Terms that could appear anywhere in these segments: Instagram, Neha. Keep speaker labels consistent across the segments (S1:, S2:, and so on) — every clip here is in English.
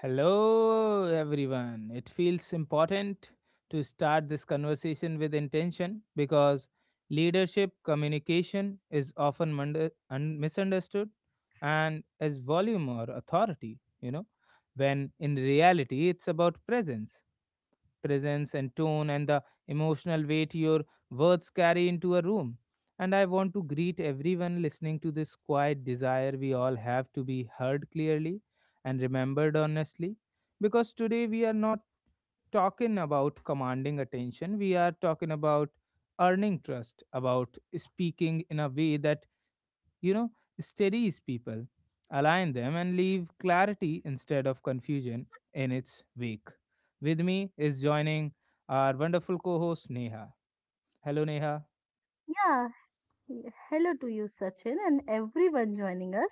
S1: Hello, everyone. It feels important to start this conversation with intention because leadership communication is often misunderstood and as volume or authority, you know, when in reality it's about presence presence and tone and the emotional weight your words carry into a room. And I want to greet everyone listening to this quiet desire we all have to be heard clearly and remembered honestly. Because today we are not talking about commanding attention, we are talking about earning trust, about speaking in a way that you know, steadies people, align them, and leave clarity instead of confusion in its wake. With me is joining our wonderful co host Neha. Hello, Neha.
S2: Yeah, hello to you, Sachin, and everyone joining us,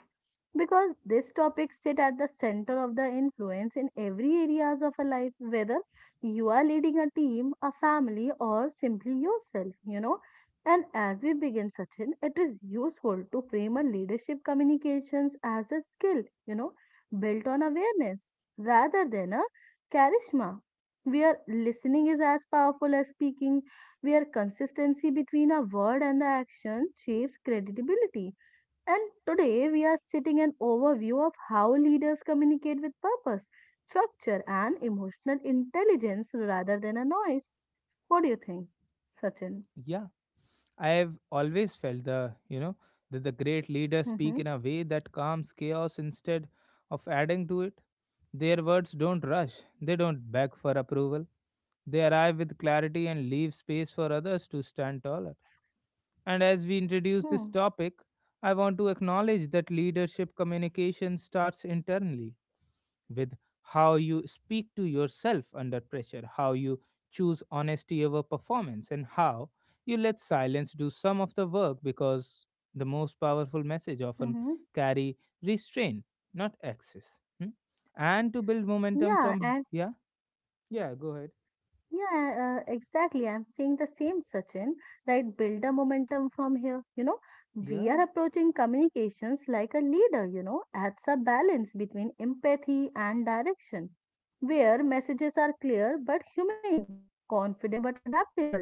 S2: because this topic sit at the center of the influence in every areas of a life, whether you are leading a team, a family, or simply yourself. And as we begin, Sachin, it is useful to frame a leadership communications as a skill, built on awareness rather than a charisma. Where listening is as powerful as speaking, where consistency between a word and the action shapes credibility. And today we are sitting an overview of how leaders communicate with purpose, structure, and emotional intelligence rather than a noise. What do you think, Sachin?
S1: Yeah, I have always felt that the great leaders speak
S2: Mm-hmm.
S1: in a way that calms chaos instead of adding to it. Their words don't rush, they don't beg for approval. They arrive with clarity and leave space for others to stand taller. And as we introduce this
S2: Hmm.
S1: topic, I want to acknowledge that leadership communication starts internally with how you speak to yourself under pressure, how you choose honesty over performance, and how you let silence do some of the work because the most powerful message often
S2: Mm-hmm.
S1: carry restraint, not access. Hmm? And to build momentum
S2: Yeah,
S1: from,
S2: and
S1: yeah, go ahead.
S2: Yeah, exactly. I'm seeing the same, Sachin, right? Build a momentum from here. We
S1: Yeah,
S2: are approaching communications like a leader, adds a balance between empathy and direction, where messages are clear but humane, confident but adaptable.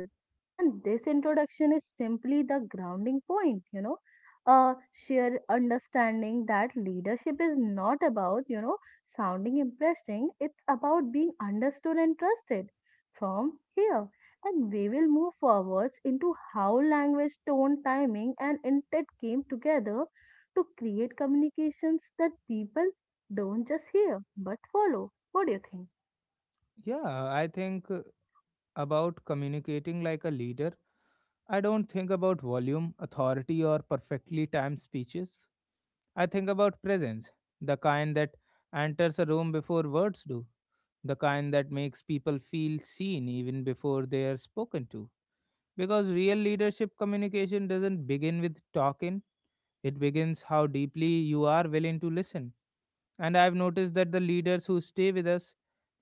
S2: And this introduction is simply the grounding point, a sheer understanding that leadership is not about, sounding interesting. It's about being understood and trusted from here. And we will move forwards into how language, tone, timing, and intent came together to create communications that people don't just hear but follow. What do you think?
S1: yeah, I think about communicating like a leader I don't think about volume, authority, or perfectly timed speeches. I think about presence, the kind that enters a room before words do, the kind that makes people feel seen even before they are spoken to. Because real leadership communication doesn't begin with talking, it begins how deeply you are willing to listen. And I've noticed that the leaders who stay with us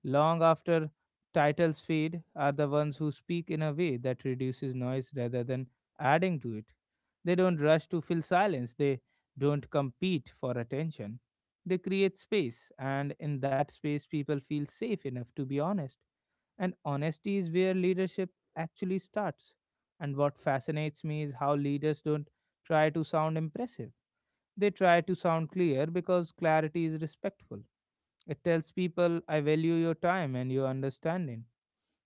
S1: long after titles fade are the ones who speak in a way that reduces noise rather than adding to it. They don't rush to fill silence, they don't compete for attention. They create space, and in that space, people feel safe enough to be honest. And honesty is where leadership actually starts. And what fascinates me is how leaders don't try to sound impressive. They try to sound clear because clarity is respectful, it tells people, I value your time and your understanding,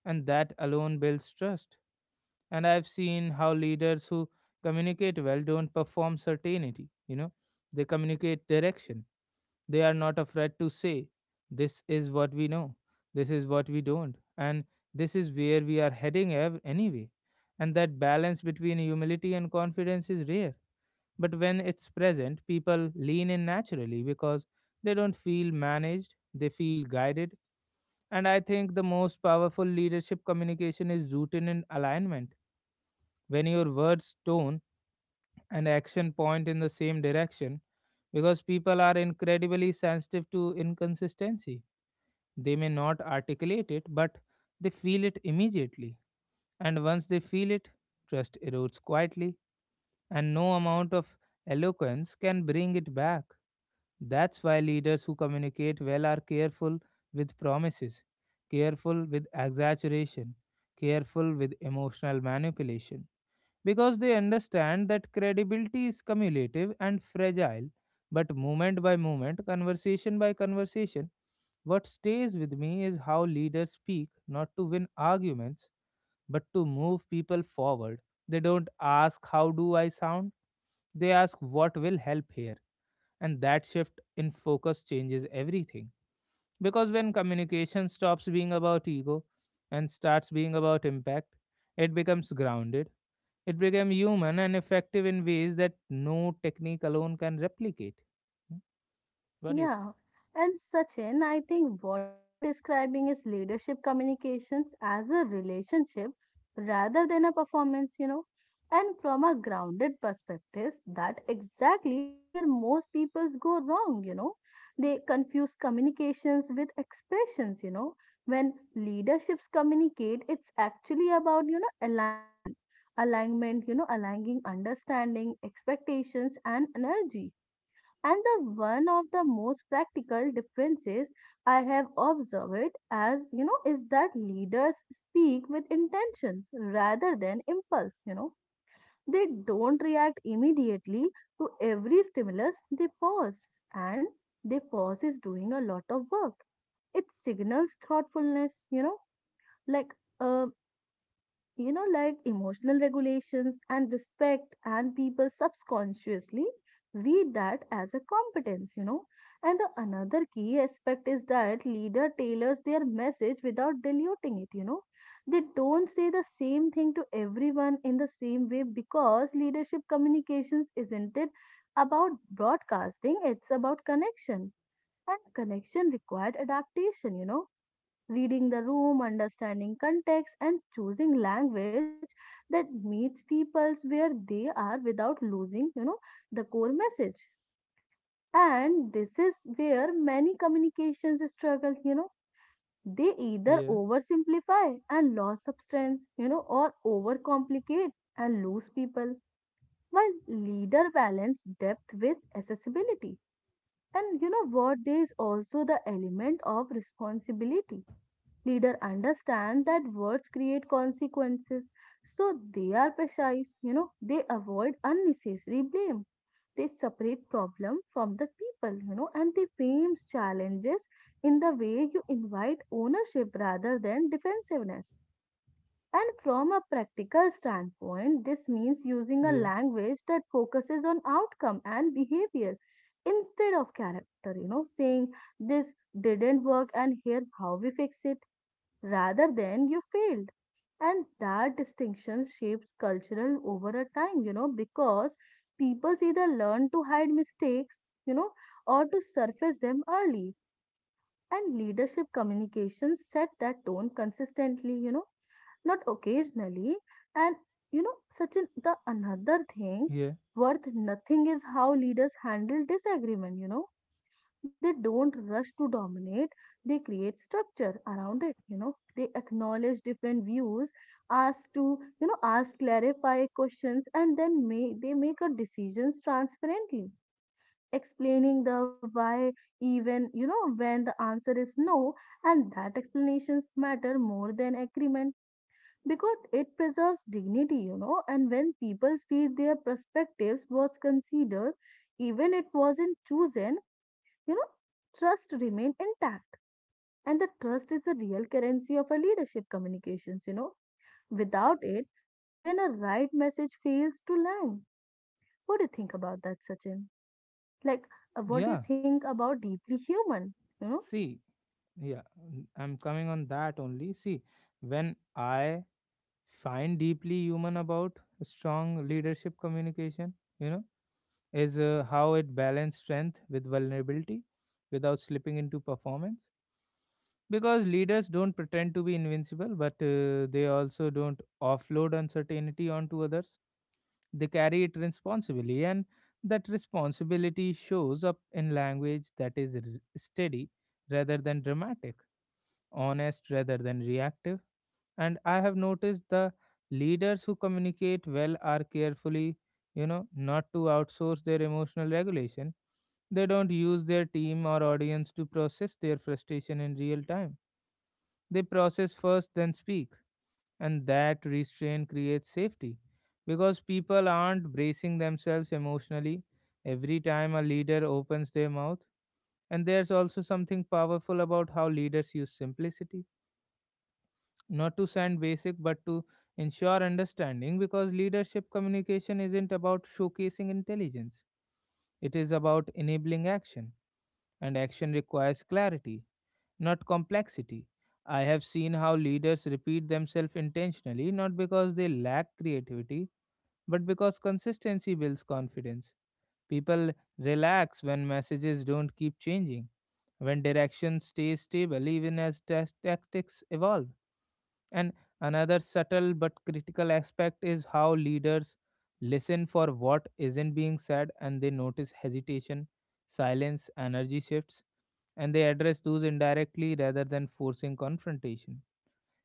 S1: and that alone builds trust. And I've seen how leaders who communicate well don't perform certainty, you know, they communicate direction. They are not afraid to say, this is what we know, this is what we don't, and this is where we are heading anyway. And that balance between humility and confidence is rare. But when it's present, people lean in naturally because they don't feel managed, they feel guided, and I think the most powerful leadership communication is rooted in alignment. When your words, tone, and action point in the same direction, because people are incredibly sensitive to inconsistency. They may not articulate it, but they feel it immediately. And once they feel it, trust erodes quietly, and no amount of eloquence can bring it back. That's why leaders who communicate well are careful with promises, careful with exaggeration, careful with emotional manipulation, because they understand that credibility is cumulative and fragile, but moment by moment, conversation by conversation. What stays with me is how leaders speak not to win arguments, but to move people forward. They don't ask, how do I sound? They ask, what will help here? And that shift in focus changes everything. Because when communication stops being about ego and starts being about impact, it becomes grounded, it becomes human and effective in ways that no technique alone can replicate. Hmm? What do you say?
S2: Yeah. And Sachin, I think what you are describing is leadership communications as a relationship rather than a performance. And from a grounded perspective, that exactly where most peoples go wrong. They confuse communications with expressions. When leaderships communicate, it's actually about, alignment. Alignment, aligning understanding, expectations, and energy. And the one of the most practical differences I have observed, as you know, is that leaders speak with intentions rather than impulse. They don't react immediately to every stimulus, they pause. And they pause is doing a lot of work. It signals thoughtfulness, like uh, like emotional regulations and respect, and people subconsciously read that as a competence. And the another key aspect is that leader tailors their message without diluting it. They don't say the same thing to everyone in the same way, because leadership communications isn't it about broadcasting, it's about connection. And connection required adaptation, reading the room, understanding context, and choosing language that meets peoples where they are without losing, the core message. And this is where many communications struggle. They either
S1: Yeah,
S2: oversimplify and lose substance, or overcomplicate and lose people. While leader balance depth with accessibility. And you know what? There is also the element of responsibility. Leader understand that words create consequences, so they are precise, they avoid unnecessary blame, they separate problem from the people, and they frames challenges in the way you invite ownership rather than defensiveness. And from a practical standpoint, this means using a
S1: yeah,
S2: language that focuses on outcome and behavior instead of character, saying this didn't work and here how we fix it, rather than you failed. And that distinction shapes cultural over a time, because people either learn to hide mistakes, you know, or to surface them early. And leadership communication set that tone consistently, not occasionally. And you know, such an the another thing
S1: yeah,
S2: worth nothing is how leaders handle disagreement. They don't rush to dominate, they create structure around it. You know, they acknowledge different views, ask to, you know, ask clarify questions, and then they make a decisions transparently, explaining the why even, when the answer is no, and that explanations matter more than agreement, because it preserves dignity, and when people feel their perspectives was considered, even it wasn't chosen, you know, trust remained intact. And the trust is the real currency of a leadership communications. Without it, even a right message fails to land. What do you think about that, Sachin? Like, what do you
S1: yeah.
S2: think about deeply human, you know?
S1: See, yeah, I'm coming on that only. See, when I find deeply human about strong leadership communication, you know, is how it balances strength with vulnerability without slipping into performance. Because leaders don't pretend to be invincible, but they also don't offload uncertainty onto others. They carry it responsibly, and that responsibility shows up in language that is steady rather than dramatic, honest rather than reactive. And I have noticed the leaders who communicate well are carefully, you know, not to outsource their emotional regulation. They don't use their team or audience to process their frustration in real time. They process first then speak, and that restraint creates safety because people aren't bracing themselves emotionally every time a leader opens their mouth. And there's also something powerful about how leaders use simplicity, not to sound basic but to ensure understanding, because leadership communication isn't about showcasing intelligence, it is about enabling action, and action requires clarity, not complexity. I have seen how leaders repeat themselves intentionally, not because they lack creativity but because consistency builds confidence. People relax when messages don't keep changing, when direction stays stable even as tactics evolve. And another subtle but critical aspect is how leaders listen for what isn't being said, and they notice hesitation, silence, energy shifts, and they address those indirectly rather than forcing confrontation.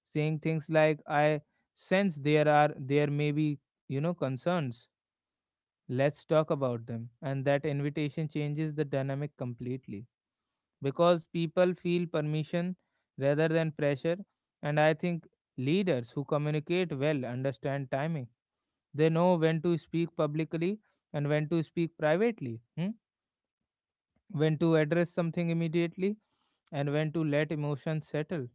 S1: Saying things like, I sense there are there may be, you know, concerns. Let's talk about them. And that invitation changes the dynamic completely because people feel permission rather than pressure. And I think leaders who communicate well understand timing. They know when to speak publicly and when to speak privately, hmm? When to address something immediately and when to let emotions settle.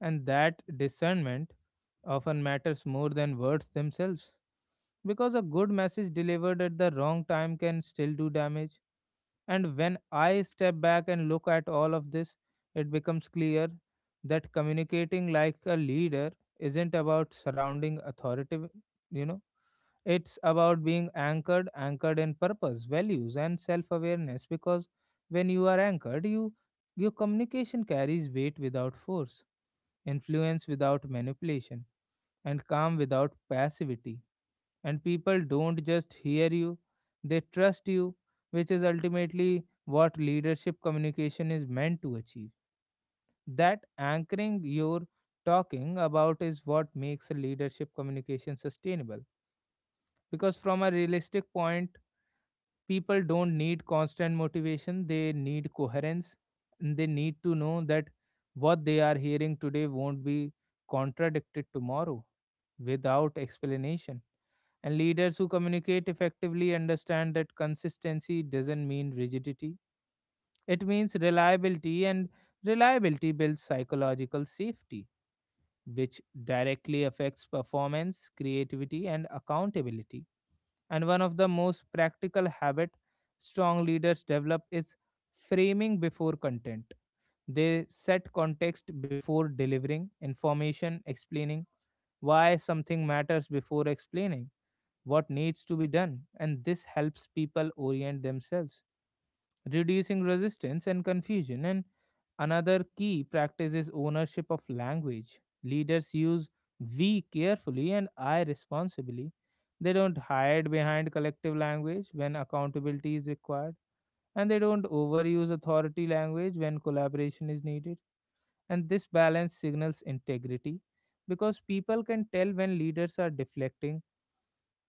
S1: And that discernment often matters more than words themselves because a good message delivered at the wrong time can still do damage. And when I step back and look at all of this, it becomes clear that communicating like a leader isn't about surrounding authoritative, you know, it's about being anchored, anchored in purpose, values, and self awareness. Because when you are anchored, your communication carries weight without force, influence without manipulation, and calm without passivity, and people don't just hear you, they trust you, which is ultimately what leadership communication is meant to achieve. That anchoring you're talking about is what makes a leadership communication sustainable, because from a realistic point, people don't need constant motivation, they need coherence, and they need to know that what they are hearing today won't be contradicted tomorrow without explanation. And leaders who communicate effectively understand that consistency doesn't mean rigidity, it means reliability, and reliability builds psychological safety, which directly affects performance, creativity, and accountability. And one of the most practical habits strong leaders develop is framing before content. They set context before delivering information, explaining why something matters before explaining what needs to be done, and this helps people orient themselves, reducing resistance and confusion. And another key practice is ownership of language. Leaders use we carefully and I responsibly. They don't hide behind collective language when accountability is required, and they don't overuse authority language when collaboration is needed. And this balance signals integrity because people can tell when leaders are deflecting,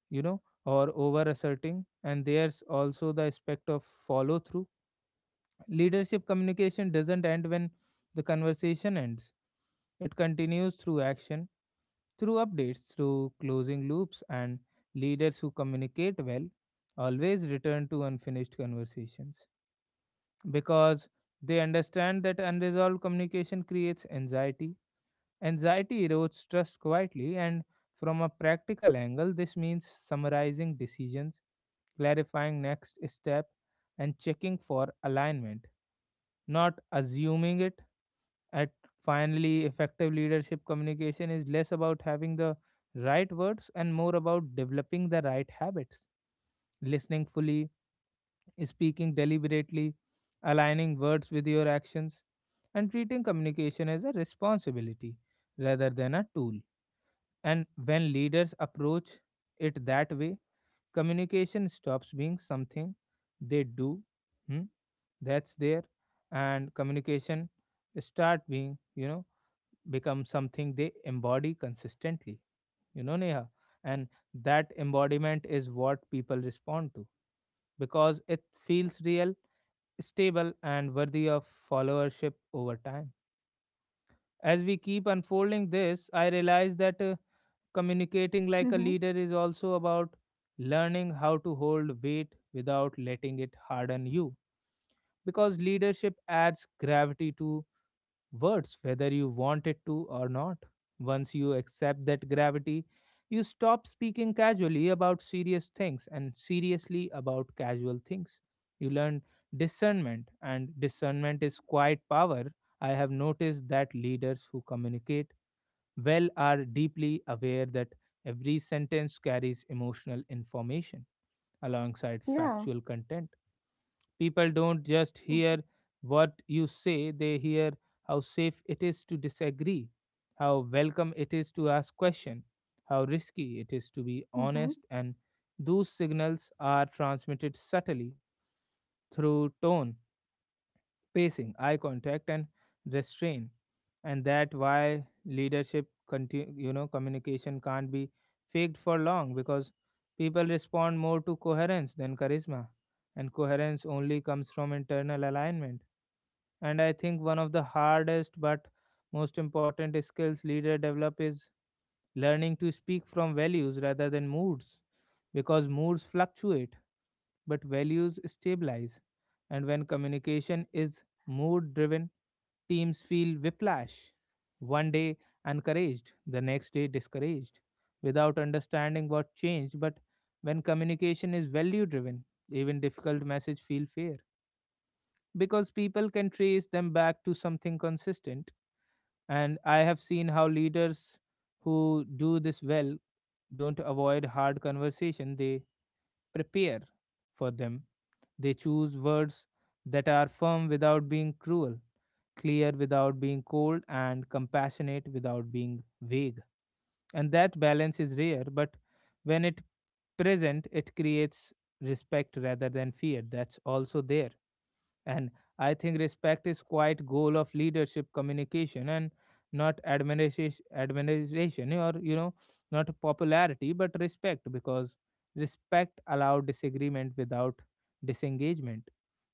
S1: you know, or over asserting. And there's also the aspect of follow through. Leadership communication doesn't end when the conversation ends, it continues through action, through updates, through closing loops, and leaders who communicate well always return to unfinished conversations because they understand that unresolved communication creates anxiety. Anxiety erodes trust quietly, and from a practical angle, this means summarizing decisions, clarifying next step, and checking for alignment, not assuming it. At finally, effective leadership communication is less about having the right words and more about developing the right habits: listening fully, speaking deliberately, aligning words with your actions, and treating communication as a responsibility rather than a tool. And when leaders approach it that way, communication stops being something they do. Hmm, that's there. And communication start being, you know, become something they embody consistently. You know, Neha. And that embodiment is what people respond to because it feels real, stable, and worthy of followership over time. As we keep unfolding this, I realize that communicating like a
S2: Mm-hmm.
S1: leader is also about learning how to hold weight without letting it harden you. Because leadership adds gravity to words, whether you want it to or not. Once you accept that gravity, you stop speaking casually about serious things and seriously about casual things. You learn discernment, and discernment is quite power. I have noticed that leaders who communicate well are deeply aware that every sentence carries emotional information alongside
S2: Yeah.
S1: factual content. People don't just
S2: Mm-hmm.
S1: hear what you say, they hear how safe it is to disagree, how welcome it is to ask question, how risky it is to be
S2: Mm-hmm.
S1: honest, and those signals are transmitted subtly through tone, pacing, eye contact, and restraint. And that why leadership, you know, communication can't be faked for long because people respond more to coherence than charisma, and coherence only comes from internal alignment. And I think one of the hardest but most important skills leader develop is learning to speak from values rather than moods because moods fluctuate but values stabilize. And when communication is mood driven, teams feel whiplash. One day encouraged, the next day discouraged, without understanding what changed. But when communication is value driven, even difficult messages feel fair because people can trace them back to something consistent. And I have seen how leaders who do this well don't avoid hard conversation; they prepare for them. They choose words that are firm without being cruel, clear without being cold, and compassionate without being vague. And that balance is rare, but when it present, it creates respect rather than fear. That's also there. And I think respect is quite goal of leadership communication, and not admiration or not popularity, but respect, because respect allow disagreement without disengagement.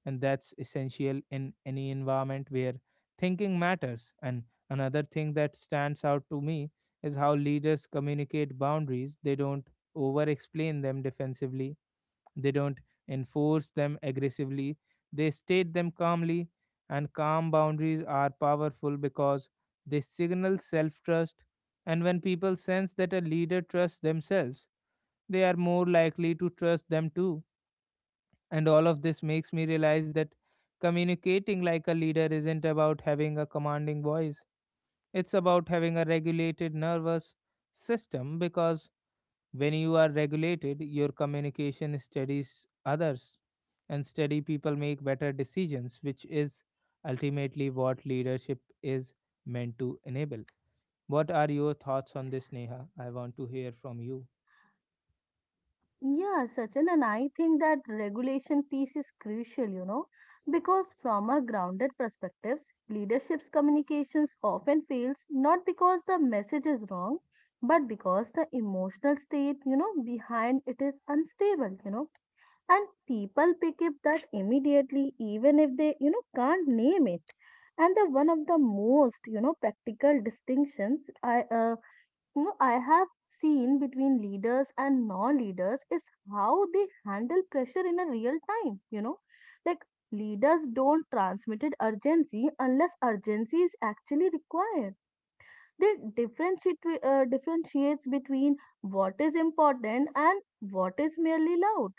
S1: And that's essential in any environment where thinking matters. And another thing that stands out to me is how leaders communicate boundaries. They don't over explain them defensively, they don't enforce them aggressively, they state them calmly, and calm boundaries are powerful because they signal self trust. And when people sense that a leader trusts themselves, they are more likely to trust them too. And all of this makes me
S2: Mm-hmm.
S1: realize that communicating like a leader isn't about having a commanding voice, it's about having a regulated nervous system, because when you are regulated, your communication studies others, and steady people make better decisions, which is ultimately what leadership is meant to enable. What are your thoughts on this, Neha? I want to hear from you.
S2: Yeah, Sachin, and I think that regulation piece is crucial, because from a grounded perspectives, leadership's communications often fails not because the message is wrong, but because the emotional state, behind it is unstable, and people pick up that immediately, even if they, can't name it. And the one of the most, practical distinctions I you know I have seen between leaders and non-leaders is how they handle pressure in a real time, like leaders don't transmit it urgency unless urgency is actually required. They differentiate twe- differentiates between what is important and what is merely loud.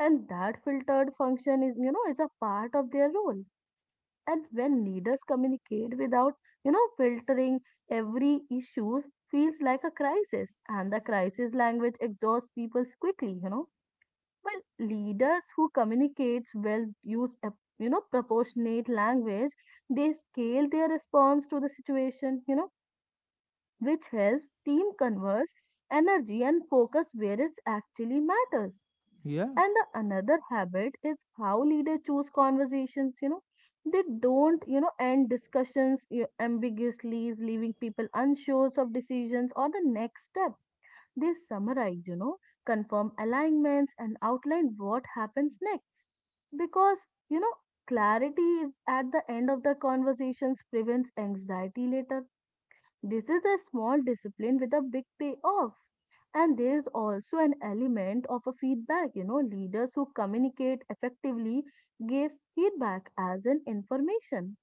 S2: And that filtered function is you know is a part of their role. And when leaders communicate without filtering, every issues feels like a crisis, and the crisis language exhausts people quickly, well, leaders who communicates well use a proportionate language. They scale their response to the situation, which helps team converse energy and focus where it actually matters.
S1: Yeah,
S2: And the another habit is how leaders choose conversations. They don't, end discussions, ambiguously, leaving people unsure of decisions or the next step. They summarize, confirm alignments and outline what happens next. Because, you know, clarity is at the end of the conversations prevents anxiety later. This is a small discipline with a big payoff. And there is also an element of a feedback. Leaders who communicate effectively gives feedback as an information,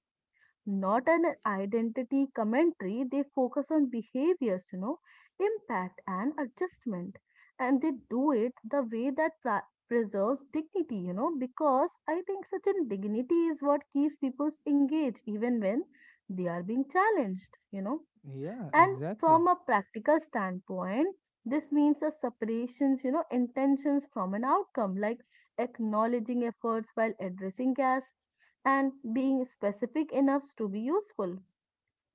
S2: not an identity commentary. They focus on behaviors, impact and adjustment. And they do it the way that preserves dignity, because I think such a dignity is what keeps people engaged even when they are being challenged, you know
S1: yeah,
S2: and
S1: exactly.
S2: from a practical standpoint, this means a separations, intentions from an outcome, like acknowledging efforts while addressing gaps and being specific enough to be useful,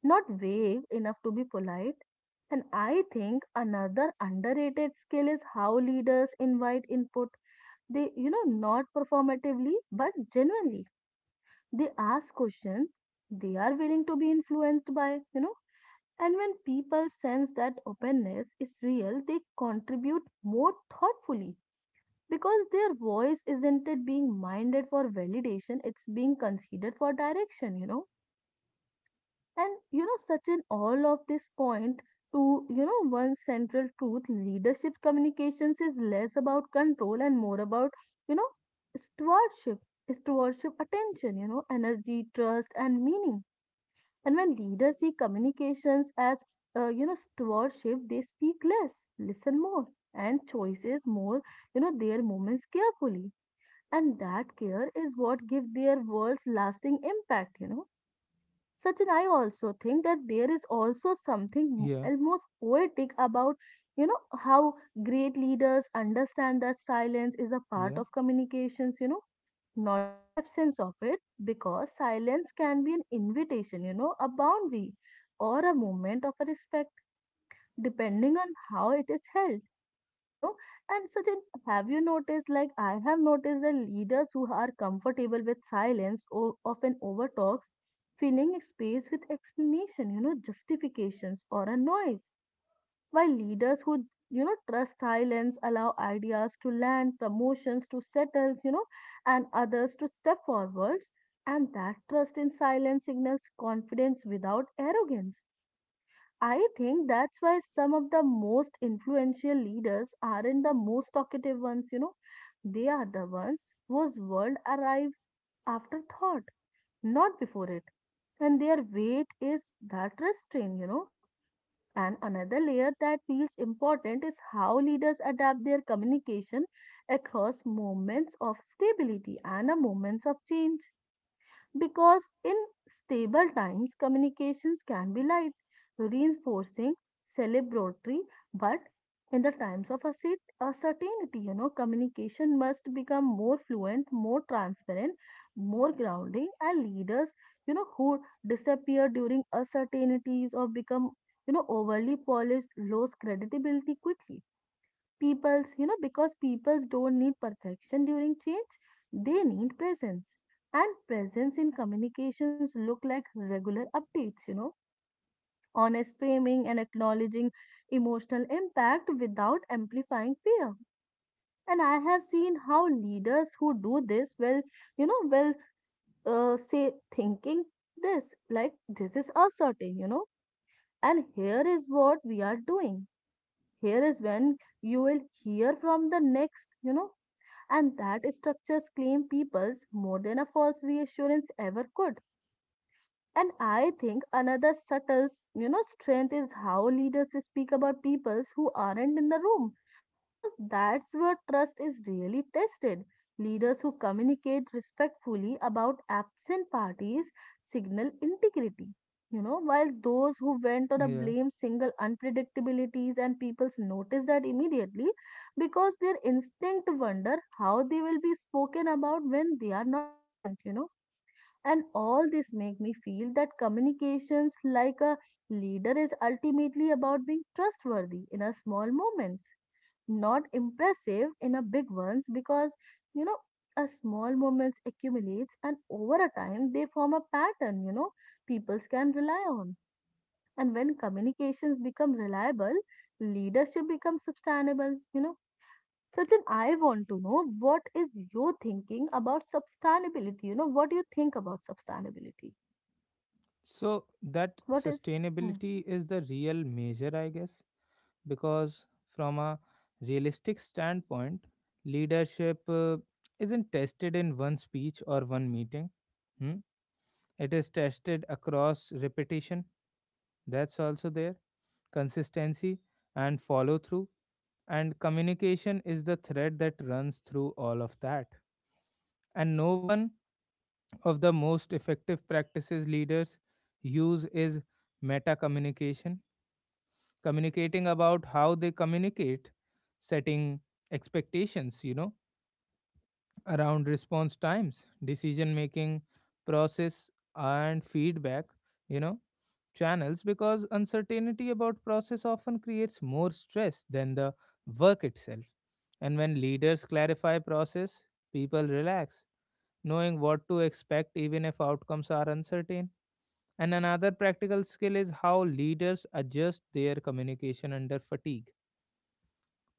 S2: not vague enough to be polite. And I think another underrated skill is how leaders invite input. They, not performatively, but genuinely. They ask questions they are willing to be influenced by, and when people sense that openness is real, they contribute more thoughtfully, because their voice isn't it being minded for validation, it's being considered for direction. And such an all of this point to one central truth: leadership communications is less about control and more about you know stewardship. Stewardship attention, energy, trust and meaning. And when leaders see communications as, stewardship, they speak less, listen more, and choices more, their moments carefully. And that care is what gives their words lasting impact. Sachin, I also think that there is also something
S1: Yeah,
S2: almost poetic about, how great leaders understand that silence is a part
S1: yeah,
S2: of communications, not the absence of it, because silence can be an invitation, a boundary or a moment of a respect, depending on how it is held, you know. And Sachin, have you noticed, like I have noticed that leaders who are comfortable with silence often overtalks, filling space with explanation, justifications or a noise, while leaders who trust silence allow ideas to land, promotions to settle, and others to step forwards. And that trust in silence signals confidence without arrogance. I think that's why some of the most influential leaders aren't the most talkative ones. They are the ones whose world arrives after thought, not before it, and their weight is that restraint. And another layer that feels important is how leaders adapt their communication across moments of stability and a moments of change. Because in stable times, communications can be light, reinforcing, celebratory, but in the times of a certainty, communication must become more fluent, more transparent, more grounding. And leaders, who disappear during uncertainties or become, overly polished, lose credibility quickly. People's you know because peoples don't need perfection during change, they need presence. And presence in communications look like regular updates, honest framing, and acknowledging emotional impact without amplifying fear. And I have seen how leaders who do this will you know will say thinking this, like, this is asserting, and here is what we are doing, here is when you will hear from the next, and that structures claim peoples more than a false reassurance ever could. And I think another subtle, strength is how leaders speak about peoples who aren't in the room, because that's where trust is really tested. Leaders who communicate respectfully about absent parties signal integrity, while those who went on a
S1: yeah.
S2: blame single unpredictabilities and peoples notice that immediately because their instinct wonder how they will be spoken about when they are not present, and all this make me feel that communications like a leader is ultimately about being trustworthy in a small moments, not impressive in a big ones because you know a small moments accumulates, and over a time they form a pattern people can rely on. And when communications become reliable, leadership becomes sustainable. Sachin, I want to know what is your thinking about sustainability? What do you think about sustainability?
S1: So that
S2: What is, Hmm.
S1: sustainability is the real measure, I guess. Because from a realistic standpoint, leadership isn't tested in one speech or one meeting. Hmm? It is tested across repetition. That's also there. Consistency and follow through, and communication is the thread that runs through all of that. And no one of the most effective practices leaders use is meta communication, communicating about how they communicate, setting expectations, you know, around response times, decision making process, and feedback, you know, channels, because uncertainty about process often creates more stress than the work itself. And when leaders clarify process, people relax, knowing what to expect even if outcomes are uncertain. And another practical skill is how leaders adjust their communication under fatigue,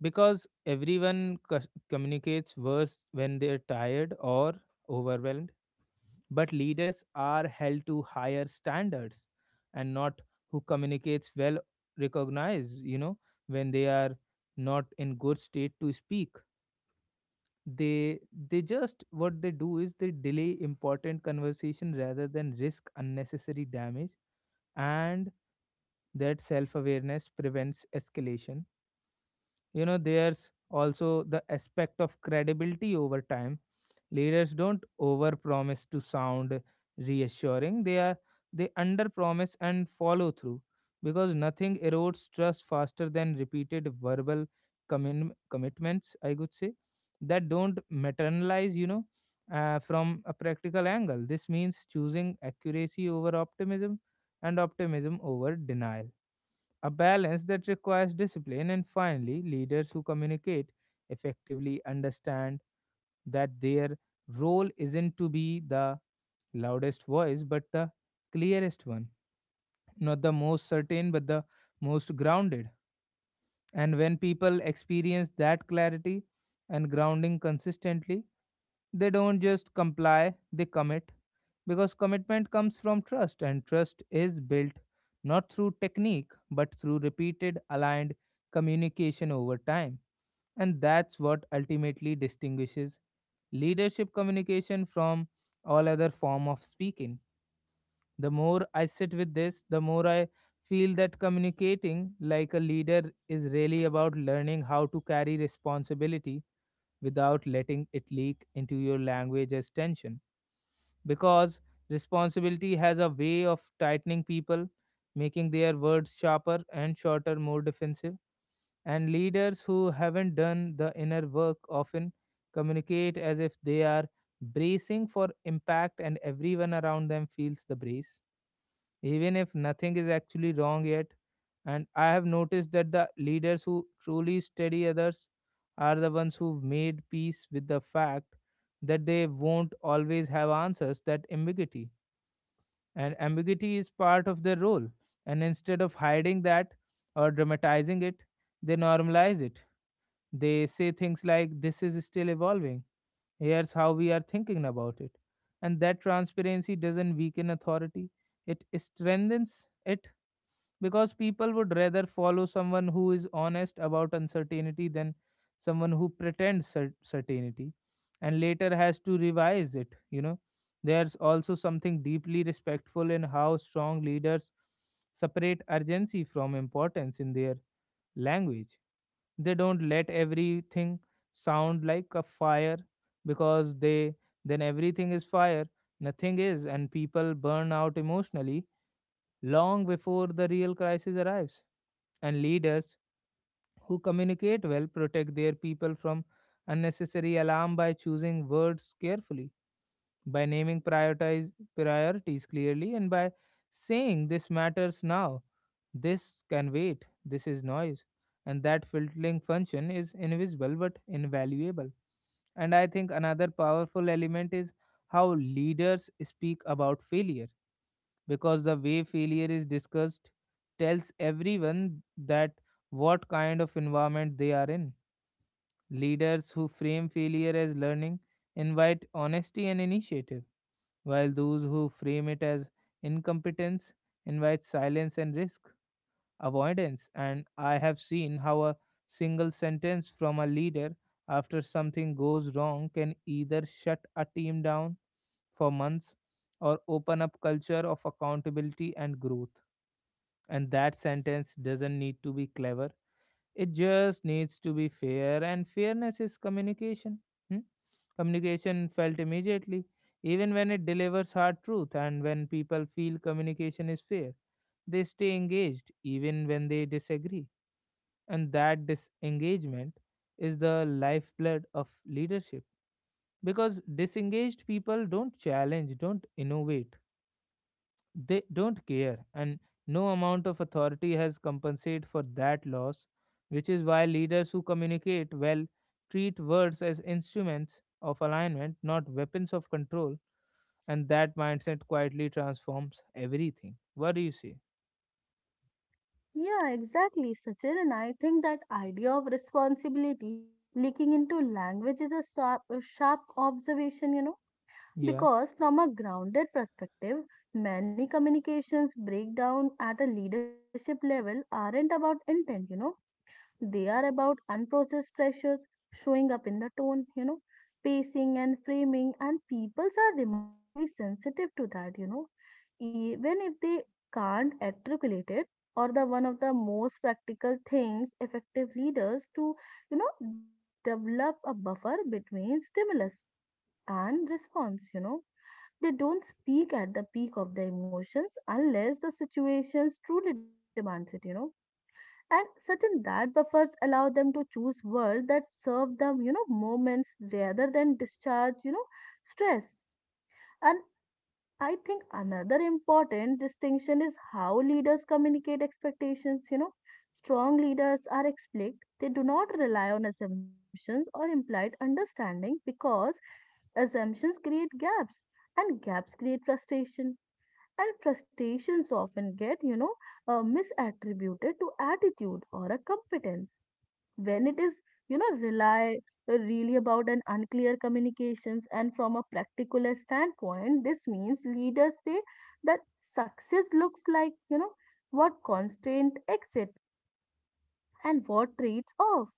S1: because everyone communicates worse when they're tired or overwhelmed. But leaders are held to higher standards, and not who communicates well recognize, you know, when they are not in good state to speak. They they just what they do is they delay important conversation rather than risk unnecessary damage, and that self awareness prevents escalation. You know, there's also the aspect of credibility over time. Leaders don't overpromise to sound reassuring. They underpromise and follow through, because nothing erodes trust faster than repeated verbal commitments, I could say, that don't materialize, you know. From a practical angle, this means choosing accuracy over optimism and optimism over denial, a balance that requires discipline. And finally, leaders who communicate effectively understand that their role isn't to be the loudest voice, but the clearest one, not the most certain, but the most grounded. And when people experience that clarity and grounding consistently, they don't just comply, they commit. Because commitment comes from trust, and trust is built not through technique, but through repeated aligned communication over time. And that's what ultimately distinguishes leadership communication from all other form of speaking. The more I sit with this, the more I feel that communicating like a leader is really about learning how to carry responsibility without letting it leak into your language as tension. Because responsibility has a way of tightening people, making their words sharper and shorter, more defensive. And leaders who haven't done the inner work often communicate as if they are bracing for impact, and everyone around them feels the brace even if nothing is actually wrong yet. And I have noticed that the leaders who truly study others are the ones who've made peace with the fact that they won't always have answers, that ambiguity. And ambiguity is part of their role. And instead of hiding that or dramatizing it, they normalize it. They say things like, "This is still evolving. Here's how we are thinking about it." And that transparency doesn't weaken authority, it strengthens it, because people would rather follow someone who is honest about uncertainty than someone who pretends certainty and later has to revise it, you know. There's also something deeply respectful in how strong leaders separate urgency from importance in their language. They don't let everything sound like a fire, because they, then everything is fire, nothing is, and people burn out emotionally long before the real crisis arrives. And leaders who communicate well protect their people from unnecessary alarm by choosing words carefully, by naming priorities clearly, and by saying this matters now, this can wait, this is noise. And that filtering function is invisible but invaluable. And I think another powerful element is how leaders speak about failure, because the way failure is discussed tells everyone that what kind of environment they are in. Leaders who frame failure as learning invite honesty and initiative, while those who frame it as incompetence invite silence and risk avoidance. And I have seen how a single sentence from a leader after something goes wrong can either shut a team down for months or open up culture of accountability and growth, and that sentence doesn't need to be clever, it just needs to be fair, and fairness is communication. Hmm? Communication felt immediately, even when it delivers hard truth, and when people feel communication is fair, they stay engaged even when they disagree. And that disengagement is the lifeblood of leadership, because disengaged people don't challenge, don't innovate, they don't care, and no amount of authority has compensated for that loss, which is why leaders who communicate well treat words as instruments of alignment, not weapons of control, and that mindset quietly transforms everything. What do you say?
S2: Yeah, exactly, Sachin. And I think that idea of responsibility leaking into language is a sharp observation,
S1: Yeah,
S2: because from a grounded perspective, many communications breakdown at a leadership level aren't about intent, they are about unprocessed pressures showing up in the tone, pacing and framing, and peoples are remarkably sensitive to that, even if they can't articulate it. Or the one of the most practical things effective leaders to, do is develop a buffer between stimulus and response. They don't speak at the peak of the emotions unless the situations truly demands it, and certain that buffers allow them to choose words that serve them moments rather than discharge stress. And I think another important distinction is how leaders communicate expectations. Strong leaders are explicit, they do not rely on assumptions or implied understanding because assumptions create gaps, and gaps create frustration, and frustrations often get misattributed to attitude or a competence when it is rely really about an unclear communications. And from a practical standpoint, this means leaders say that success looks like, what constant exit and what trades off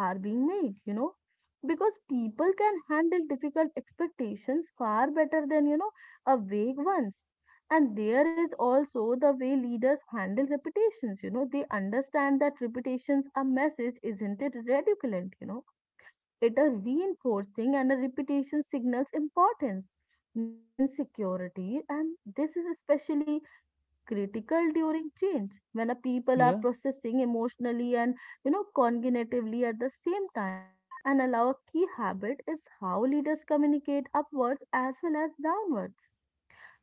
S2: are being made, because people can handle difficult expectations far better than, a vague ones. And there is also the way leaders handle reputations, they understand that reputations a message isn't it redundant, it a reinforcing and a reputation signals importance, not insecurity. And this is especially critical during change when a people are
S1: yeah,
S2: processing emotionally and cognitively at the same time. And allow a key habit is how leaders communicate upwards as well as downwards.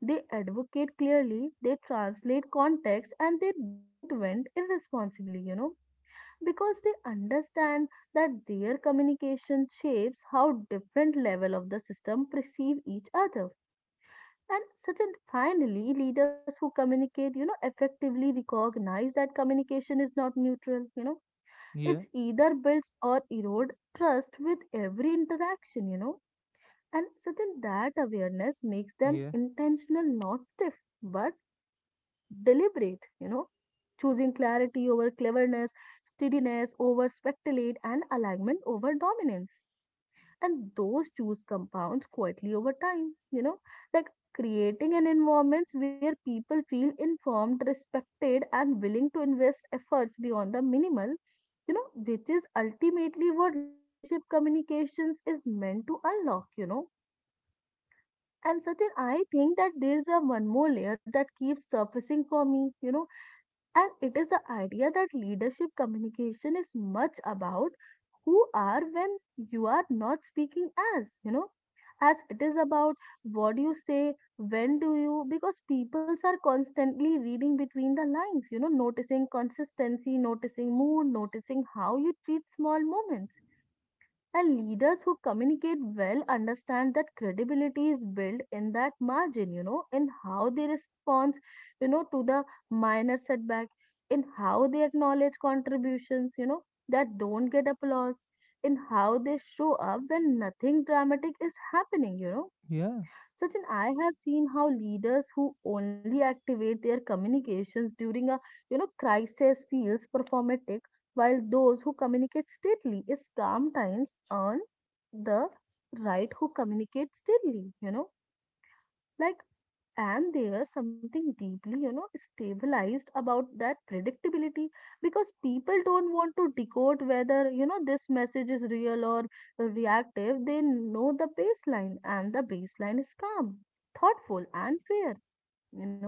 S2: They advocate clearly, they translate context, and they don't vent irresponsibly, because they understand that their communication shapes how different level of the system perceive each other. And such and finally, leaders who communicate, effectively recognize that communication is not neutral.
S1: yeah,
S2: It's either builds or erode trust with every interaction. And such and that awareness makes them
S1: yeah,
S2: intentional, not stiff, but deliberate, choosing clarity over cleverness, steadiness over speculate, and alignment over dominance. And those choose compounds quietly over time you know like creating an environment where people feel informed, respected, and willing to invest efforts beyond the minimal, which is ultimately what leadership communications is meant to unlock. And certain I think that there is a one more layer that keeps surfacing for me, and it is the idea that leadership communication is much about who are when you are not speaking as, as it is about what do you say, when do you, because peoples are constantly reading between the lines, noticing consistency, noticing mood, noticing how you treat small moments. And leaders who communicate well understand that credibility is built in that margin, in how they respond, to the minor setback, in how they acknowledge contributions, that don't get applause, in how they show up when nothing dramatic is happening.
S1: yeah,
S2: Sachin, I have seen how leaders who only activate their communications during a crisis feels performative, while those who communicate steadily is calm times earn the right who communicate steadily. Like, and there's something deeply stabilized about that predictability because people don't want to decode whether this message is real or reactive. They know the baseline, and the baseline is calm, thoughtful, and fair you know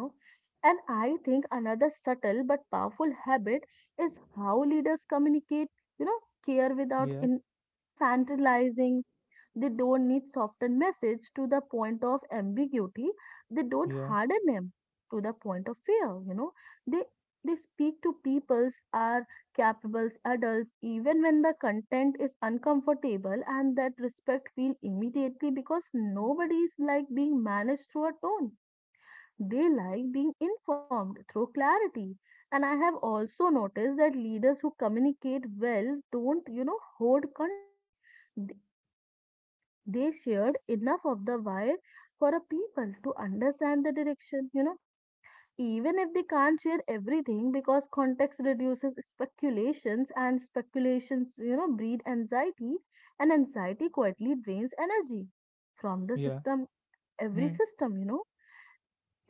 S2: and I think another subtle but powerful habit is how leaders communicate you know care without
S1: yeah,
S2: infantilizing. They don't need soften message to the point of ambiguity. They don't
S1: yeah,
S2: harden them to the point of fear. They they speak to peoples are capable adults even when the content is uncomfortable, and that respect feel immediately because nobody is like being managed through a tone, they like being informed through clarity. And I have also noticed that leaders who communicate well don't hold context, they shared enough of the wire for a people to understand the direction, Even if they can't share everything, because context reduces speculations, and speculations, breed anxiety, and anxiety quietly drains energy from the
S1: yeah,
S2: system, every
S1: Hmm,
S2: system.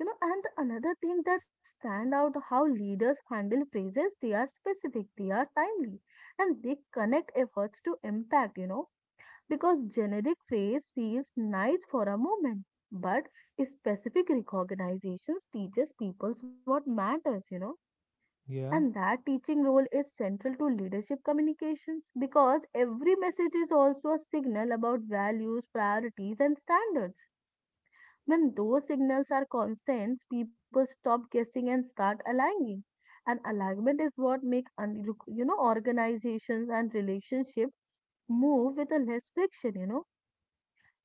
S2: And another thing that stand out how leaders handle praises. They are specific, they are timely, and they connect efforts to impact, because generic phrase feels nice for a moment, but specific recognitions teaches people what matters. And
S1: yeah,
S2: that teaching role is central to leadership communications because every message is also a signal about values, priorities, and standards. When those signals are constant, people stop guessing and start aligning. And alignment is what makes organizations and relationships move with a less friction,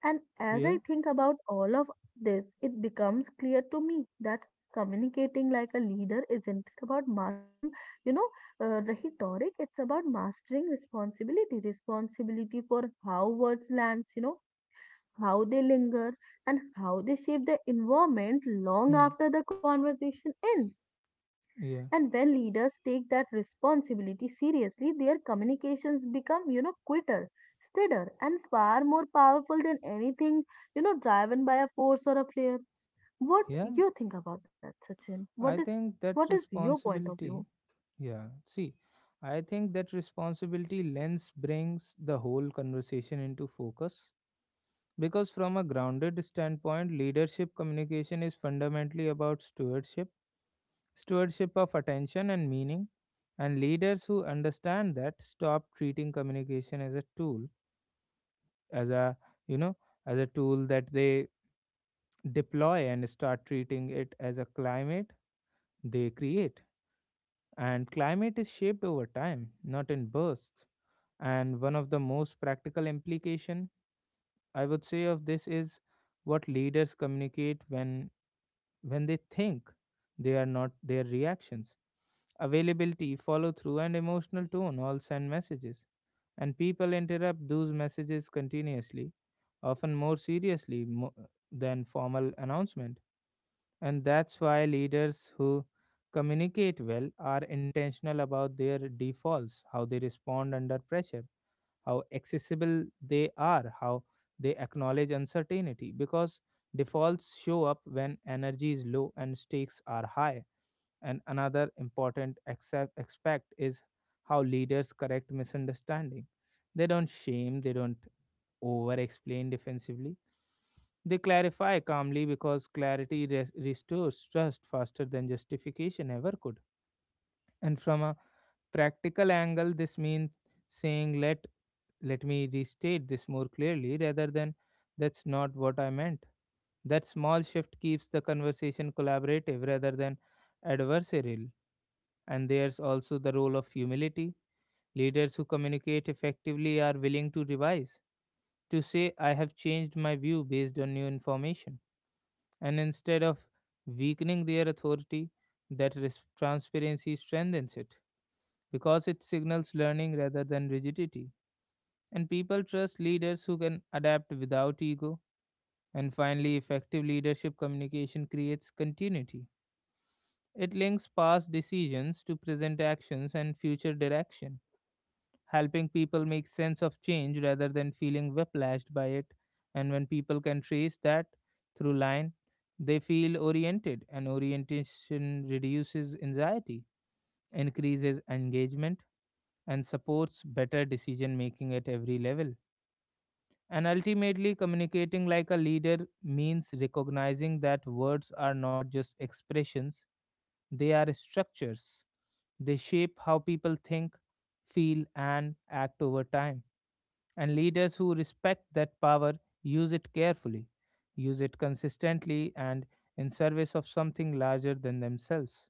S2: and as
S1: yeah.
S2: I think about all of this, it becomes clear to me that communicating like a leader isn't about mastering, you know, rhetoric. It's about mastering responsibility, responsibility for how words lands, how they linger, and how they shape the environment long
S1: Hmm,
S2: after the conversation ends.
S1: yeah,
S2: And when leaders take that responsibility seriously, their communications become, quicker, steadier, and far more powerful than anything, driven by a force or a flare. What
S1: yeah.
S2: you think about that, Sachin? What is
S1: I think
S2: what
S1: that
S2: is your point of view?
S1: responsibility. Yeah, see, I think that responsibility lens brings the whole conversation into focus, because from a grounded standpoint, leadership communication is fundamentally about stewardship, stewardship of attention and meaning. And leaders who understand that stop treating communication as a tool, as a, you know, as a tool that they deploy, and start treating it as a climate they create. And climate is shaped over time, not in bursts. And one of the most practical implication, I would say, of this is what leaders communicate when they think they are not their reactions. Availability, follow through and emotional tone all send messages. And people interrupt those messages continuously, often more seriously than formal announcement. And that's why leaders who communicate well are intentional about their defaults, how they respond under pressure, how accessible they are, how they acknowledge uncertainty, because defaults show up when energy is low and stakes are high. And another important aspect is how leaders correct misunderstanding. They don't shame, they don't over explain defensively. They clarify calmly because clarity restores trust faster than justification ever could. And from a practical angle, this means saying, let me restate this more clearly, rather than that's not what I meant. That small shift keeps the conversation collaborative rather than adversarial. And there's also the role of humility. Leaders who communicate effectively are willing to revise, to say, I have changed my view based on new information. And instead of weakening their authority, that transparency strengthens it because it signals learning rather than rigidity. And people trust leaders who can adapt without ego. And finally, effective leadership communication creates continuity. It links past decisions to present actions and future direction, helping people make sense of change rather than feeling whiplashed by it. And when people can trace that through line, they feel oriented, and orientation reduces anxiety, increases engagement, and supports better decision making at every level. And ultimately, communicating like a leader means recognizing that words are not just expressions, they are structures. They shape how people think, feel, and act over time, and leaders who respect that power use it carefully, use it consistently, and in service of something larger than themselves.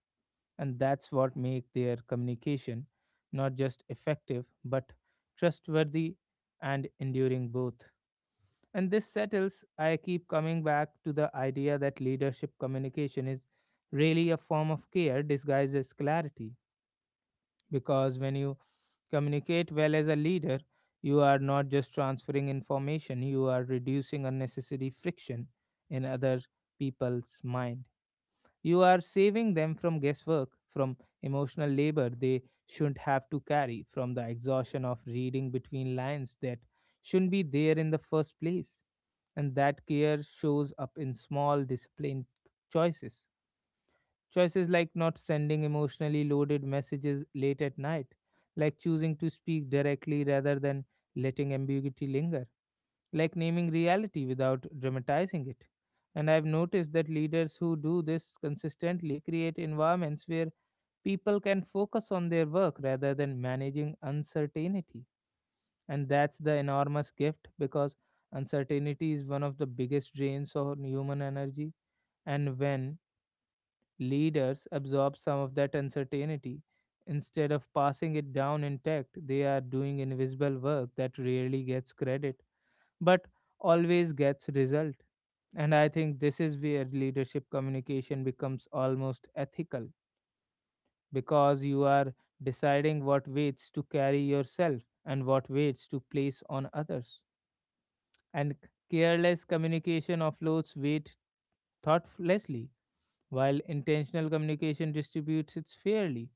S1: And that's what makes their communication not just effective, but trustworthy and enduring both. And this settles, I keep coming back to the idea that leadership communication is really a form of care disguised as clarity. Because when you communicate well as a leader, you are not just transferring information, you are reducing unnecessary friction in other people's mind. You are saving them from guesswork, from emotional labor they shouldn't have to carry, from the exhaustion of reading between lines that shouldn't be there in the first place. And that care shows up in small, disciplined choices. Choices like not sending emotionally loaded messages late at night, like choosing to speak directly rather than letting ambiguity linger, like naming reality without dramatizing it. And I've noticed that leaders who do this consistently create environments where people can focus on their work rather than managing uncertainty. And that's the enormous gift because uncertainty is one of the biggest drains on human energy. And when leaders absorb some of that uncertainty instead of passing it down intact, they are doing invisible work that rarely gets credit, but always gets result. And I think this is where leadership communication becomes almost ethical because you are deciding what weights to carry yourself and what weights to place on others. And careless communication offloads weight thoughtlessly, while intentional communication distributes it fairly.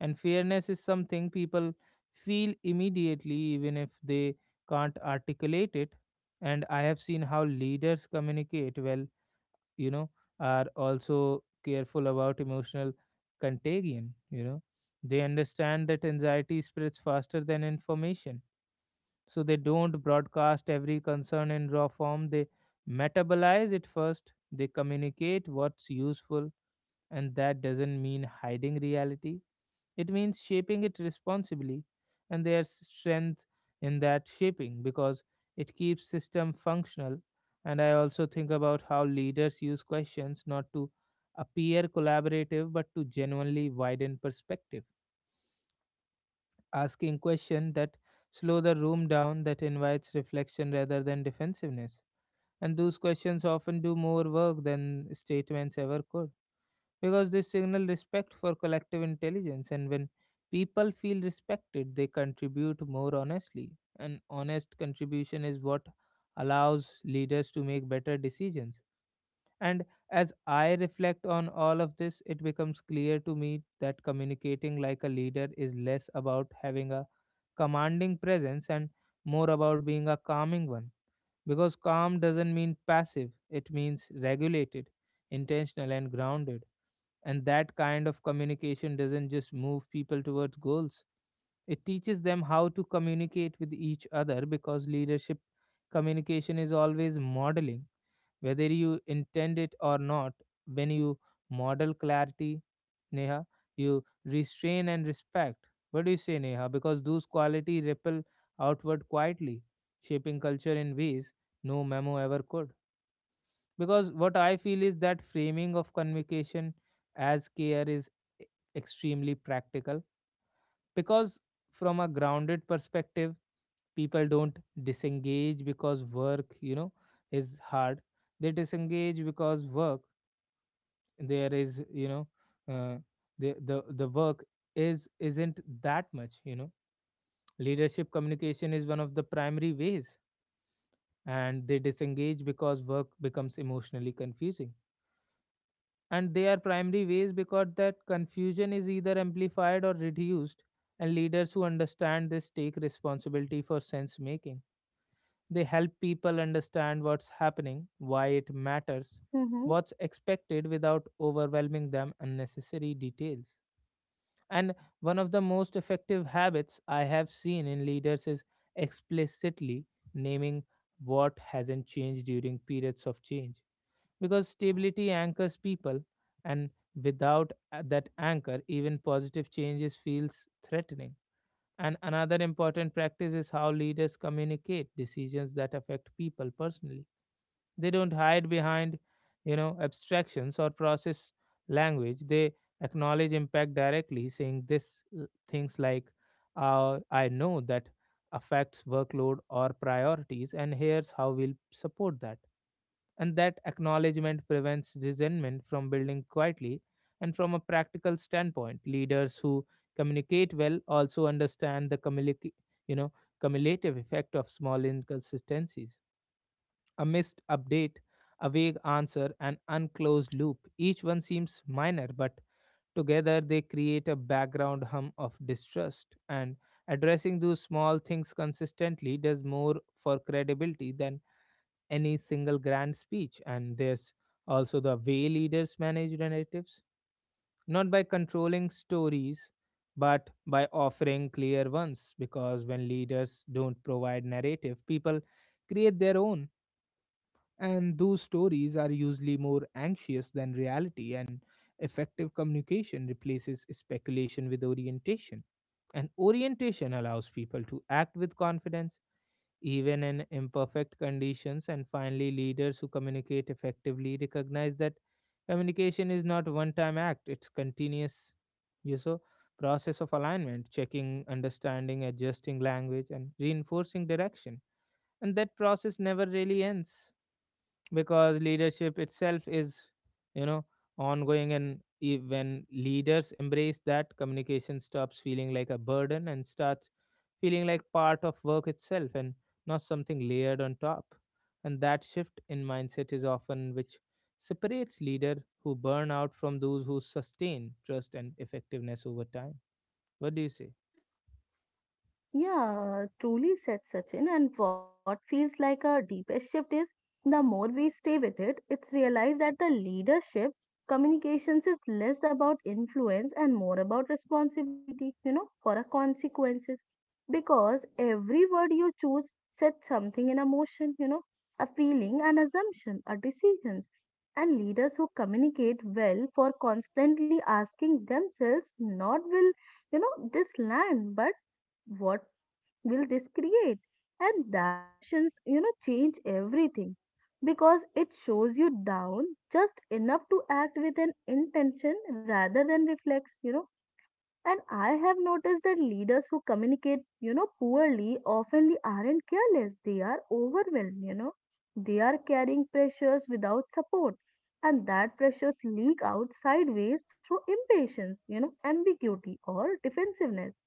S1: And fairness is something people feel immediately, even if they can't articulate it. And I have seen how leaders communicate well, you know, are also careful about emotional contagion. They understand that anxiety spreads faster than information. So they don't broadcast every concern in raw form. They metabolize it first. They communicate what's useful, and that doesn't mean hiding reality, it means shaping it responsibly, and there's strength in that shaping because it keeps system functional. And I also think about how leaders use questions not to appear collaborative but to genuinely widen perspective, asking questions that slow the room down, that invites reflection rather than defensiveness. And those questions often do more work than statements ever could because they signal respect for collective intelligence, and when people feel respected they contribute more honestly, and honest contribution is what allows leaders to make better decisions. And as I reflect on all of this, it becomes clear to me that communicating like a leader is less about having a commanding presence and more about being a calming one, because calm doesn't mean passive, it means regulated, intentional and grounded. And that kind of communication doesn't just move people towards goals, it teaches them how to communicate with each other, because leadership communication is always modeling, whether you intend it or not. When you model clarity, Neha, you restrain and respect. What do you say, Neha? Because those qualities ripple outward quietly, shaping culture in ways no memo ever could, because what I feel is that framing of communication as care is e- extremely practical because from a grounded perspective people don't disengage because work is hard. They disengage because work there is uh, the work is isn't that much. Leadership communication is one of the primary ways, and they disengage because work becomes emotionally confusing, and they are primary ways because that confusion is either amplified or reduced. And leaders who understand this take responsibility for sense making. They help people understand what's happening, why it matters,
S2: Mm-hmm.
S1: what's expected without overwhelming them unnecessary details. And one of the most effective habits I have seen in leaders is explicitly naming what hasn't changed during periods of change, because stability anchors people, and without that anchor even positive changes feels threatening. And another important practice is how leaders communicate decisions that affect people personally. They don't hide behind, abstractions or process language. They acknowledge impact directly, saying this things like, I know that affects workload or priorities, and here's how we'll support that. And that acknowledgement prevents resentment from building quietly. And from a practical standpoint, leaders who communicate well also understand the you know, cumulative effect of small inconsistencies. A missed update, a vague answer, an unclosed loop. Each one seems minor, but together they create a background hum of distrust. And addressing those small things consistently does more for credibility than any single grand speech. And there's also the way leaders manage narratives, not by controlling stories, but by offering clear ones. Because when leaders don't provide narrative, people create their own. And those stories are usually more anxious than reality, and effective communication replaces speculation with orientation. And orientation allows people to act with confidence even in imperfect conditions. And finally, leaders who communicate effectively recognize that communication is not one time act, it's continuous you so process of alignment, checking, understanding, adjusting language, and reinforcing direction. And that process never really ends because leadership itself is, you know ongoing, and when leaders embrace that, communication stops feeling like a burden and starts feeling like part of work itself, and not something layered on top. And that shift in mindset is often which separates leader who burn out from those who sustain trust and effectiveness over time. What do you say?
S2: Yeah, truly said Sachin. And what feels like a deepest shift is the more we stay with it, it's realized that the leadership communications is less about influence and more about responsibility, for our consequences. Because every word you choose sets something in a motion, a feeling, an assumption, a decisions. And leaders who communicate well for constantly asking themselves, not will, this land, but what will this create? And that questions, change everything because it shows you down just enough to act with an intention rather than reflex. And I have noticed that leaders who communicate, poorly often aren't careless. They are overwhelmed. They are carrying pressures without support. And that pressures leak out sideways through impatience, ambiguity or defensiveness,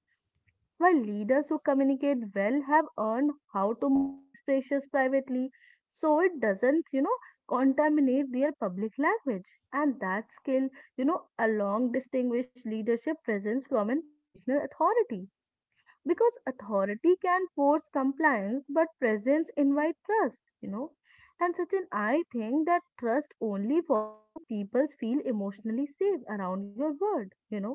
S2: while leaders who communicate well have earned how to mobilize pressures privately, so it doesn't, contaminate their public language. And that skill, along distinguish leadership presence from an positional authority. Because authority can force compliance, but presence invite trust. And Sachin, I think that trust only forms when people feel emotionally safe around your word.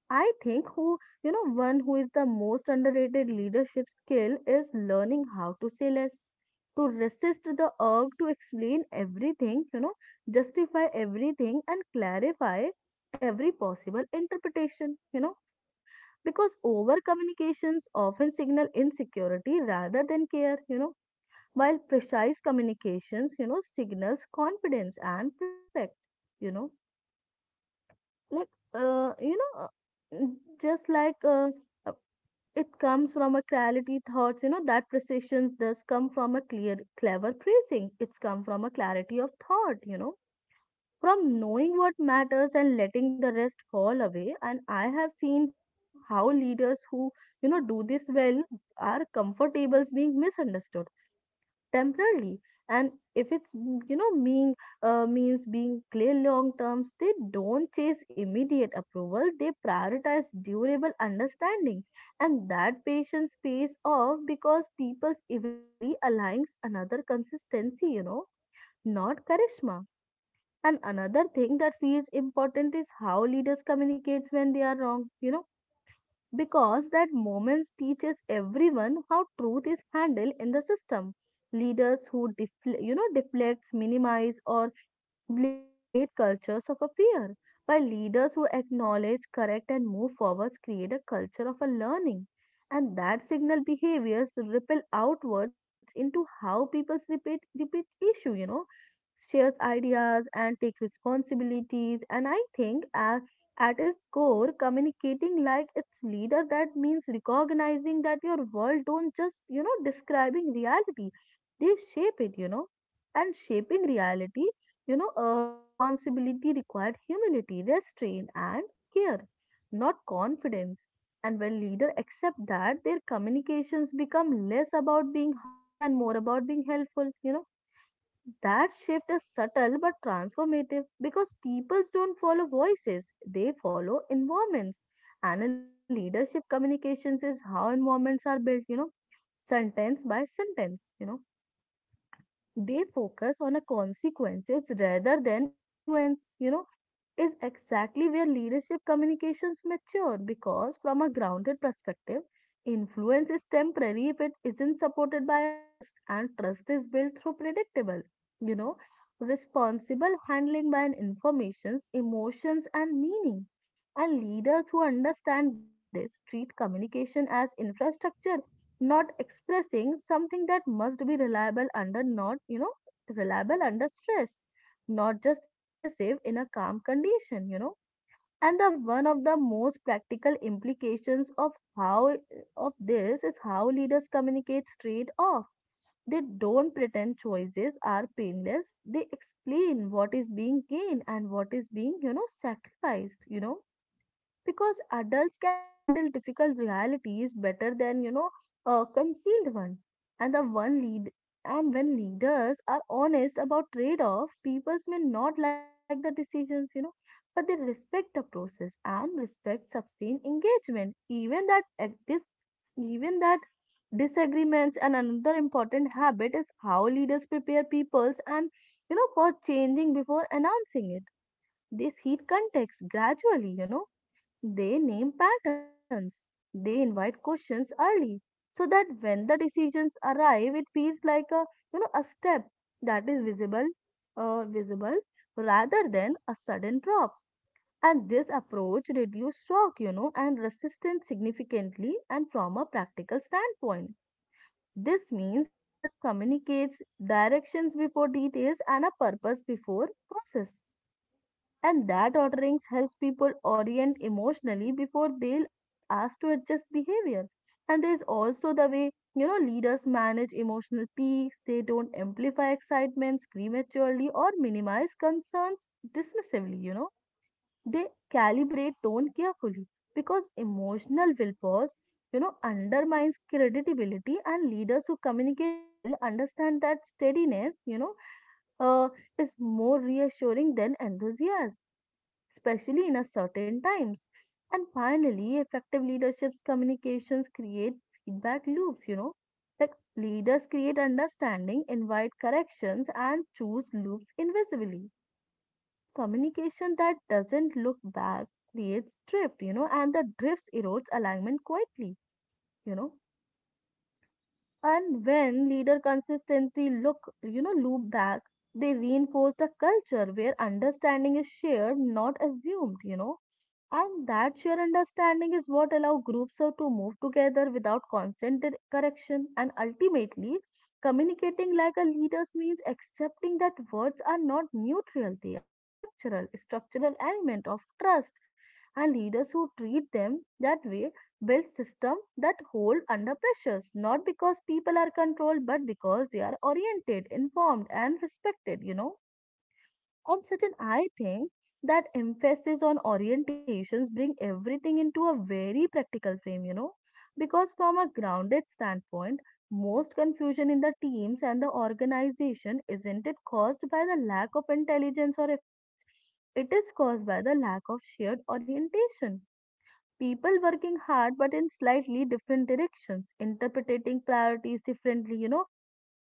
S2: I think one who is the most underrated leadership skill is learning how to say less, to resist the urge to explain everything, justify everything and clarify every possible interpretation, because over communications often signal insecurity rather than care, while precise communications, signals confidence and respect, you know like uh, you know uh, mm, just like uh, it comes from a clarity thoughts, that precisions does come from a clear clever phrasing, it's come from a clarity of thought, from knowing what matters and letting the rest fall away. And I have seen how leaders who do this well are comfortable being misunderstood temporarily, and if it's being means being clear long terms. They don't chase immediate approval, they prioritize durable understanding, and that patience pays off because people eventually aligns another consistency, not charisma. And another thing that feels important is how leaders communicates when they are wrong, because that moment teaches everyone how truth is handled in the system. Leaders who deflects, minimize or blame create cultures of a fear, while leaders who acknowledge correct and move forwards create a culture of a learning. And that signal behaviors ripple outwards into how people repeat issue, shares ideas and take responsibilities. And I think at its core communicating like its leader that means recognizing that your world don't just describing reality, they shape it, and shaping reality responsibility required humility, Restraint, and care, not confidence. And when leaders accept that, their communications become less about being heard and more about being helpful. That shift is subtle but transformative because people don't follow voices, they follow environments. And a leadership communications is how environments are built, sentence by sentence. They focus on a consequences rather than influence. Is exactly where leadership communications mature because, from a grounded perspective, influence is temporary if it isn't supported by a trust, and trust is built through predictable, you know, responsible handling by an informations, emotions, and meaning. And leaders who understand this treat communication as infrastructure, not expressing something that must be reliable under not, reliable under stress, not just impressive in a calm condition. And the one of the most practical implications of how of this is how leaders communicate straight off. They don't pretend choices are painless. They explain what is being gained and what is being sacrificed, because adults can handle difficult realities better than a concealed one. And the one lead and when leaders are honest about trade-off, people may not like the decisions, but they respect the process, and respect sustained engagement, even that disagreements. And another important habit is how leaders prepare peoples and you know for changing before announcing it. They seed context gradually. They name patterns. They invite questions early so that when the decisions arrive, it feels like a you know a step that is visible, visible rather than a sudden drop. And this approach reduces shock, you know, and resistance significantly. And from a practical standpoint, this means leaders communicates directions before details and a purpose before process. And that orderings helps people orient emotionally before they'll ask to adjust behavior. And there's also the way, you know, leaders manage emotional peaks. They don't amplify excitements prematurely or minimize concerns dismissively, you know. They calibrate tone carefully because emotional willpower, you know, undermines credibility, and leaders who communicate well understand that steadiness, uh, is more reassuring than enthusiasm, especially in a certain times. And finally, effective leadership's communications create feedback loops, you know. Like leaders create understanding, invite corrections, and choose loops invisibly. Because communication that doesn't look back creates drift, you know, and the drifts erodes alignment quietly, you know. And when leader consistency look, loop back, they reinforce a culture where understanding is shared, not assumed, you know. And that shared understanding is what allow groups of to move together without constant correction. And ultimately, communicating like a leader means accepting that words are not neutral, they are structural, structural element of trust. And leaders who treat them that way build systems that hold under pressures, not because people are controlled, but because they are oriented, informed, and respected, you know. And such an I think that emphasis on orientations bring everything into a very practical frame, you know. Because from a grounded standpoint, most confusion in the teams and the organization isn't it caused by the lack of intelligence or efforts, it is caused by the lack of shared orientation, people working hard but in slightly different directions, interpreting priorities differently, you know,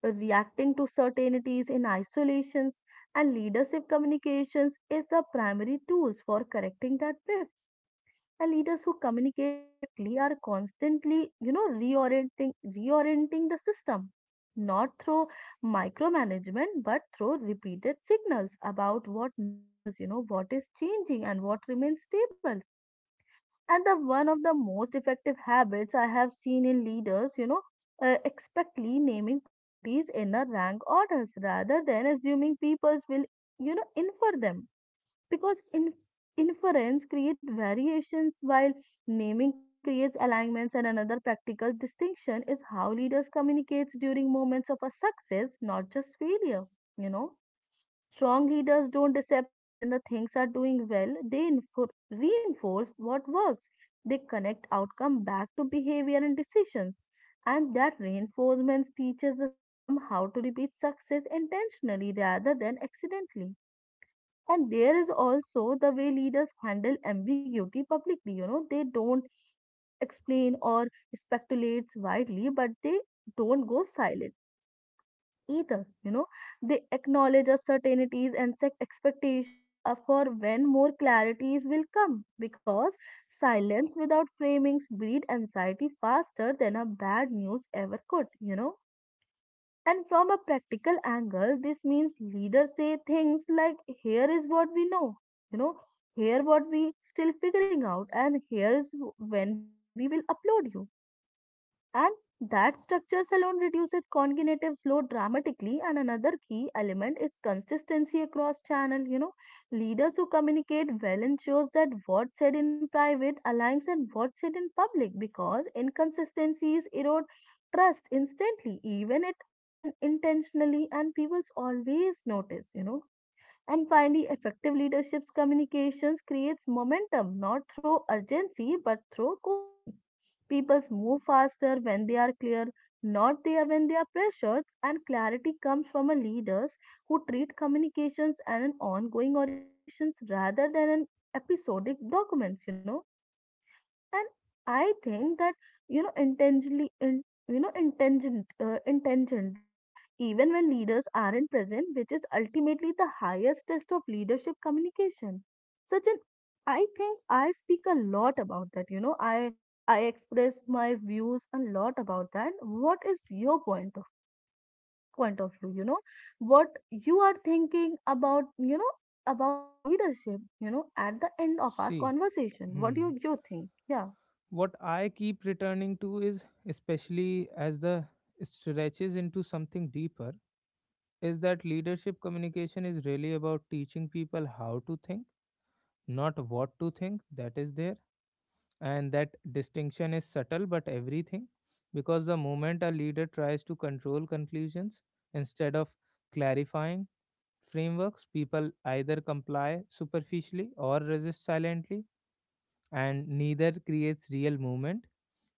S2: reacting to certainties in isolations, and leadership communications is the primary tools for correcting that drift. And leaders who communicate effectively are constantly, you know, reorienting the system, not through micromanagement, but through repeated signals about what matters, you know, what is changing and what remains stable. And the one of the most effective habits I have seen in leaders, expectly naming priorities in a rank orders rather than assuming peoples will, you know, infer them. Because in inference create variations while naming creates alignments. And another practical distinction is how leaders communicates during moments of a success, not just failure, you know. Strong leaders don't disappear when the things are doing well. They reinforce what works. They connect outcome back to behavior and decisions. And that reinforcement teaches the system how to repeat success intentionally rather than accidentally. And there is also the way leaders handle ambiguity publicly. You know, they don't explain or speculate widely, but they don't go silent either. You know, they acknowledge uncertainties and set expectations, for when more clarities will come because silence without framings breed anxiety faster than a bad news ever could, you know. And from a practical angle, this means leaders say things like, here is what we know, you know, here what we still figuring out, and here is when we will upload you, and that structures alone reduces cognitive load dramatically. And another key element is consistency across channel. You know, leaders who communicate well ensures that what said in private aligns and what said in public because inconsistencies erode trust instantly, even it unintentionally, and people always notice. You know, and finally, effective leadership's communications creates momentum not through urgency but through coherence. People move faster when they are clear, not there when they are pressured, and clarity comes from a leaders who treat communications as an ongoing orientations rather than an episodic documents, And I think that, intentionally in, you know intention intentionally, even when leaders aren't present, which is ultimately the highest test of leadership communication. Such an I think I speak a lot about that, I express my views a lot about that. What is your point of view, you know? What you are thinking about, you know, about a leadership, you know, at the end of our
S1: See.
S2: conversation, what do
S1: Hmm.
S2: you think? Yeah.
S1: What I keep returning to is, especially as the stretches into something deeper, is that leadership communication is really about teaching people how to think, not what to think. That is there. And that distinction is subtle but everything. Because the moment a leader tries to control conclusions instead of clarifying frameworks, people either comply superficially or resist silently, and neither creates real movement.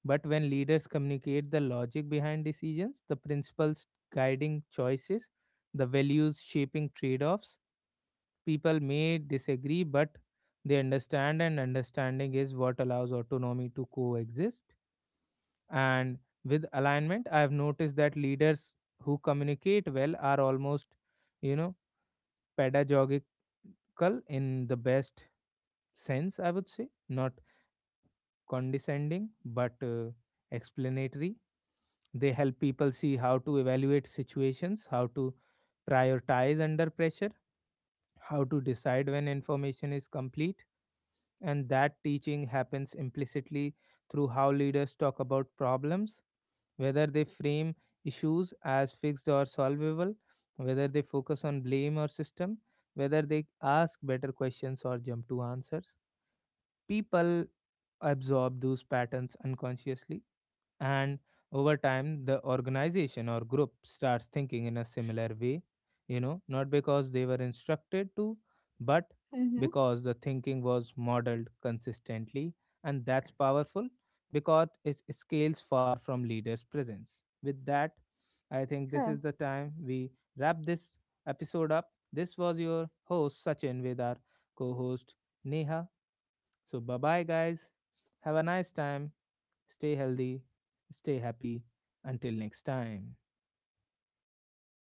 S1: But when leaders communicate the logic behind decisions, the principles guiding choices, the values shaping trade offs, people may disagree, but they understand, and understanding is what allows autonomy to coexist. And with alignment, I have noticed that leaders who communicate well are almost, you know, pedagogical in the best sense, I would say, not condescending but explanatory. They help people see how to evaluate situations, how to prioritize under pressure, how to decide when information is complete. And that teaching happens implicitly through how leaders talk about problems, whether they frame issues as fixed or solvable, whether they focus on blame or system, whether they ask better questions or jump to answers. People absorb those patterns unconsciously, and over time, the organization or group starts thinking in a similar way, you know, not because they were instructed to, but
S2: Mm-hmm.
S1: because the thinking was modeled consistently, and that's powerful because it scales far from leaders' presence. With that, I think
S2: Sure.
S1: this is the time we wrap this episode up. This was your host Sachin with our co host Neha. So, bye bye, guys. Have a nice time. Stay healthy, stay happy. Until next time.